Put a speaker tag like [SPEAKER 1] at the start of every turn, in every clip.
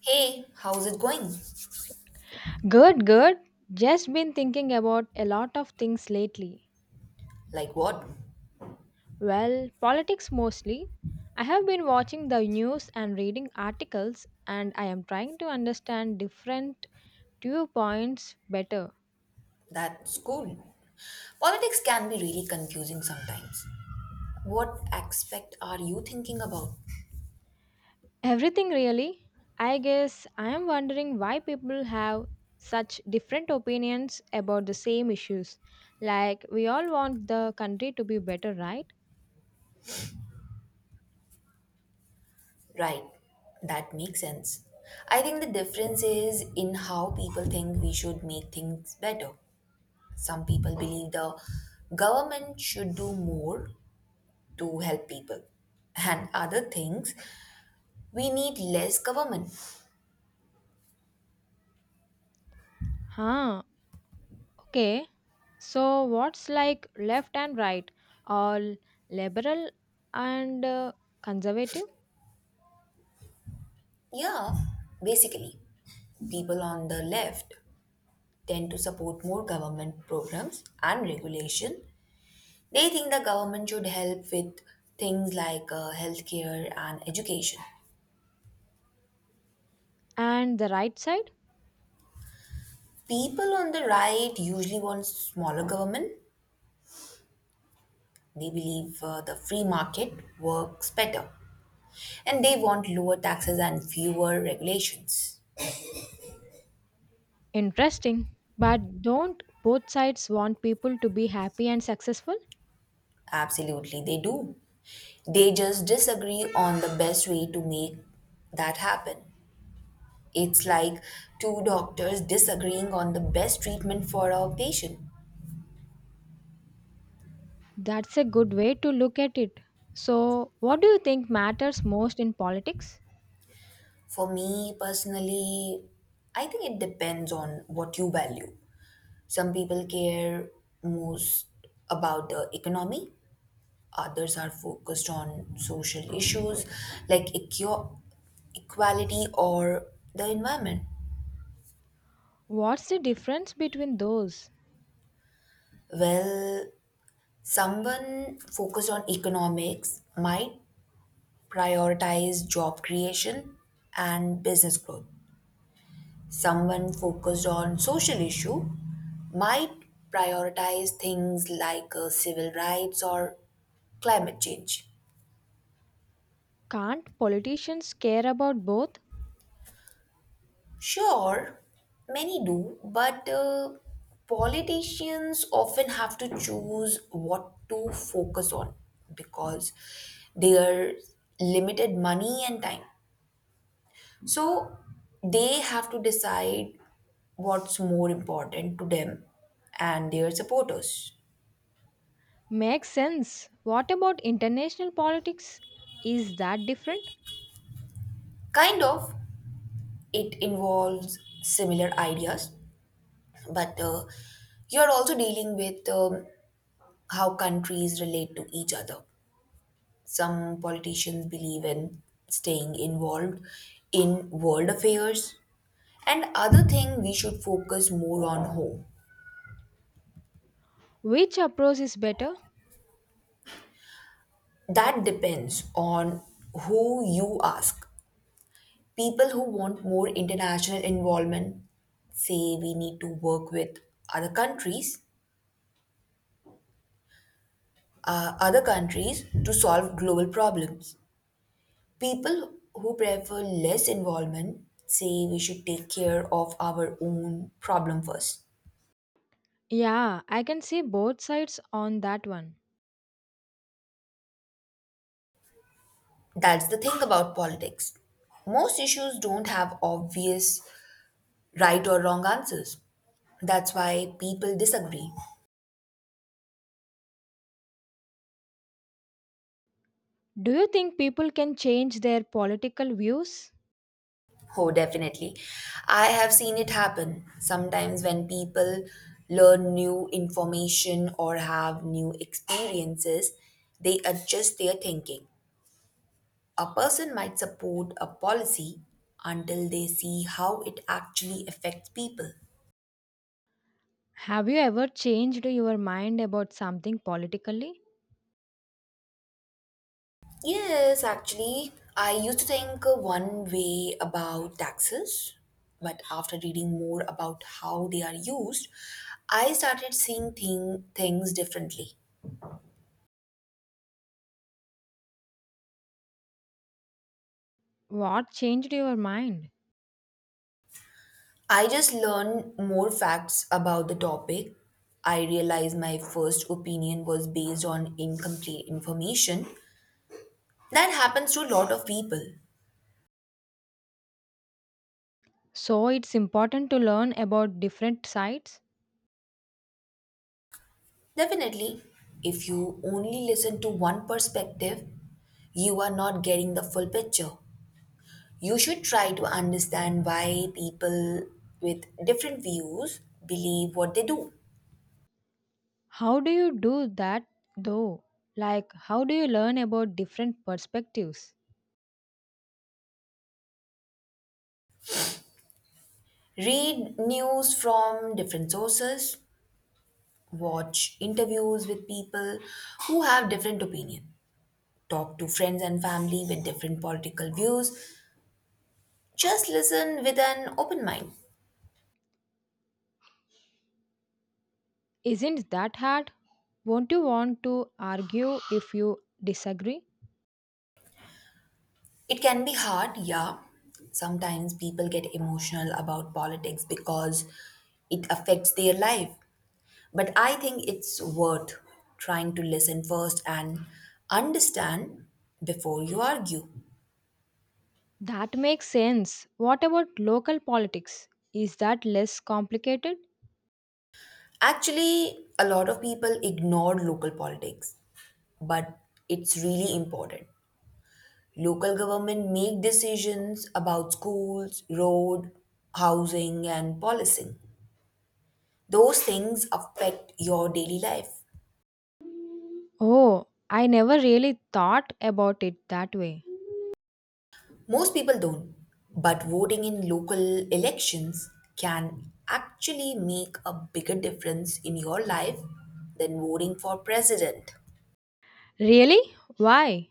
[SPEAKER 1] Hey, how's it going?
[SPEAKER 2] Good, good. Just been thinking about a lot of things lately.
[SPEAKER 1] Like what?
[SPEAKER 2] Well, politics mostly. I have been watching the news and reading articles, and I am trying to understand different viewpoints better.
[SPEAKER 1] That's cool. Politics can be really confusing sometimes. What aspect are you thinking about?
[SPEAKER 2] Everything really. I guess I am wondering why people have such different opinions about the same issues. Like, we all want the country to be better, right?
[SPEAKER 1] Right, that makes sense. I think the difference is in how people think we should make things better. Some people believe the government should do more to help people, and other things we need less government.
[SPEAKER 2] Huh, okay. So what's like left and right, all liberal and conservative,
[SPEAKER 1] Yeah, basically people on the left tend to support more government programs and regulation. They think the government should help with things like healthcare and education.
[SPEAKER 2] and the right side?
[SPEAKER 1] People on the right usually want smaller government. They believe the free market works better. And they want lower taxes and fewer regulations.
[SPEAKER 2] Interesting. But don't both sides want people to be happy and successful?
[SPEAKER 1] Absolutely, they do. They just disagree on the best way to make that happen. It's like two doctors disagreeing on the best treatment for a patient.
[SPEAKER 2] That's a good way to look at it. So, what do you think matters most in politics?
[SPEAKER 1] For me personally, I think it depends on what you value. Some people care most about the economy, others are focused on social issues like equality or the environment.
[SPEAKER 2] What's the difference between those?
[SPEAKER 1] Well, someone focused on economics might prioritize job creation and business growth. Someone focused on social issue might prioritize things like civil rights or climate change.
[SPEAKER 2] Can't politicians care about both?
[SPEAKER 1] Sure, many do, but politicians often have to choose what to focus on because they are limited money and time. So they have to decide what's more important to them and their supporters.
[SPEAKER 2] Makes sense. What about international politics? Is that different?
[SPEAKER 1] Kind of, it involves similar ideas, but you're also dealing with how countries relate to each other. Some politicians believe in staying involved in world affairs, and other thing we should focus more on home.
[SPEAKER 2] Which approach is better?
[SPEAKER 1] That depends on who you ask. People who want more international involvement say we need to work with other countries other countries to solve global problems. People who prefer less involvement say we should take care of our own problem first.
[SPEAKER 2] Yeah, I can see both sides on that one.
[SPEAKER 1] That's the thing about politics. Most issues don't have obvious right or wrong answers. That's why people disagree.
[SPEAKER 2] Do you think people can change their political views?
[SPEAKER 1] Oh, definitely. I have seen it happen sometimes when people learn new information or have new experiences, they adjust their thinking. A person might support a policy until they see how it actually affects people.
[SPEAKER 2] Have you ever changed your mind about something politically?
[SPEAKER 1] Yes, actually, I used to think one way about taxes, but after reading more about how they are used, I started things differently.
[SPEAKER 2] What changed your mind?
[SPEAKER 1] I just learned more facts about the topic. I realized my first opinion was based on incomplete information. That happens to a lot of people.
[SPEAKER 2] So it's important to learn about different sides.
[SPEAKER 1] Definitely, if you only listen to one perspective, you are not getting the full picture. You should try to understand why people with different views believe what they do.
[SPEAKER 2] How do you do that though? Like, how do you learn about different perspectives?
[SPEAKER 1] Read news from different sources, watch interviews with people who have different opinions, talk to friends and family with different political views. Just listen with an open mind.
[SPEAKER 2] Isn't that hard? Won't you want to argue if you disagree?
[SPEAKER 1] It can be hard, yeah. Sometimes people get emotional about politics because it affects their life. But I think it's worth trying to listen first and understand before you argue.
[SPEAKER 2] That makes sense. What about local politics? Is that less complicated?
[SPEAKER 1] Actually, a lot of people ignore local politics, but it's really important. Local government make decisions about schools, road, housing and policing. Those things affect your daily life.
[SPEAKER 2] Oh, I never really thought about it that way.
[SPEAKER 1] Most people don't, but voting in local elections can actually make a bigger difference in your life than voting for president.
[SPEAKER 2] Really? Why?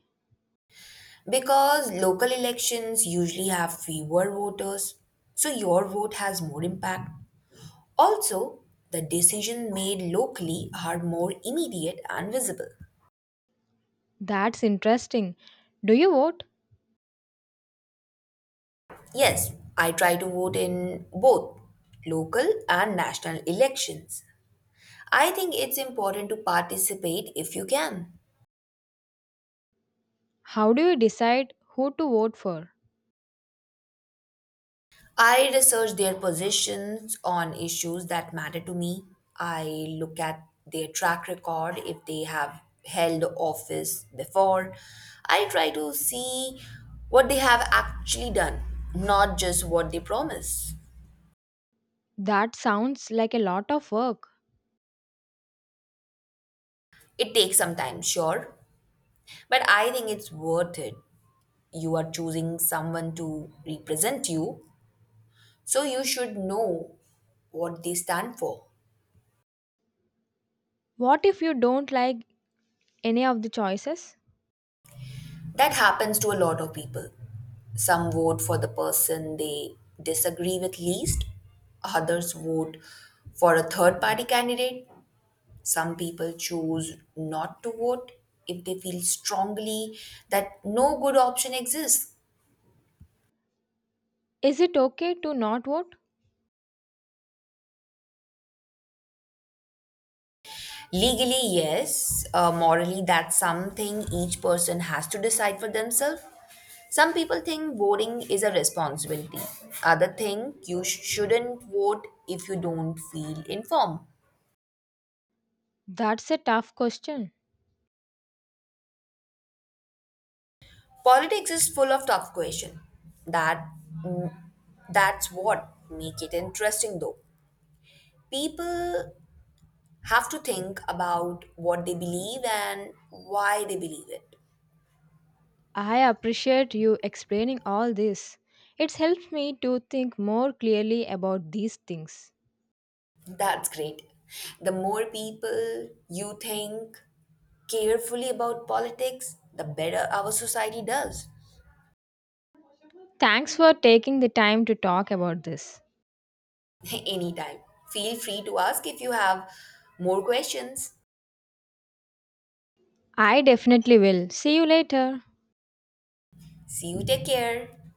[SPEAKER 1] Because local elections usually have fewer voters, so your vote has more impact. Also, the decisions made locally are more immediate and visible.
[SPEAKER 2] That's interesting. Do you vote?
[SPEAKER 1] Yes, I try to vote in both local and national elections. I think it's important to participate if you can.
[SPEAKER 2] How do you decide who to vote for?
[SPEAKER 1] I research their positions on issues that matter to me. I look at their track record if they have held office before. I try to see what they have actually done, not just what they promise.
[SPEAKER 2] That sounds like a lot of work.
[SPEAKER 1] It takes some time, sure, but I think it's worth it. You are choosing someone to represent you, so you should know what they stand for.
[SPEAKER 2] What if you don't like any of the choices?
[SPEAKER 1] That happens to a lot of people. Some vote for the person they disagree with least, others vote for a third party candidate. Some people choose not to vote if they feel strongly that no good option exists.
[SPEAKER 2] Is it okay to not vote?
[SPEAKER 1] Legally, yes. Morally, that's something each person has to decide for themselves. Some people think voting is a responsibility. Other think you shouldn't vote if you don't feel informed.
[SPEAKER 2] That's a tough question.
[SPEAKER 1] Politics is full of tough questions. That mm, that's what make it interesting though. People have to think about what they believe and why they believe it.
[SPEAKER 2] I appreciate you explaining all this. It's helped me to think more clearly about these things.
[SPEAKER 1] That's great. The more people you think carefully about politics, the better our society does.
[SPEAKER 2] Thanks for taking the time to talk about this.
[SPEAKER 1] Anytime. Feel free to ask if you have more questions.
[SPEAKER 2] I definitely will. See you later.
[SPEAKER 1] See you, take care.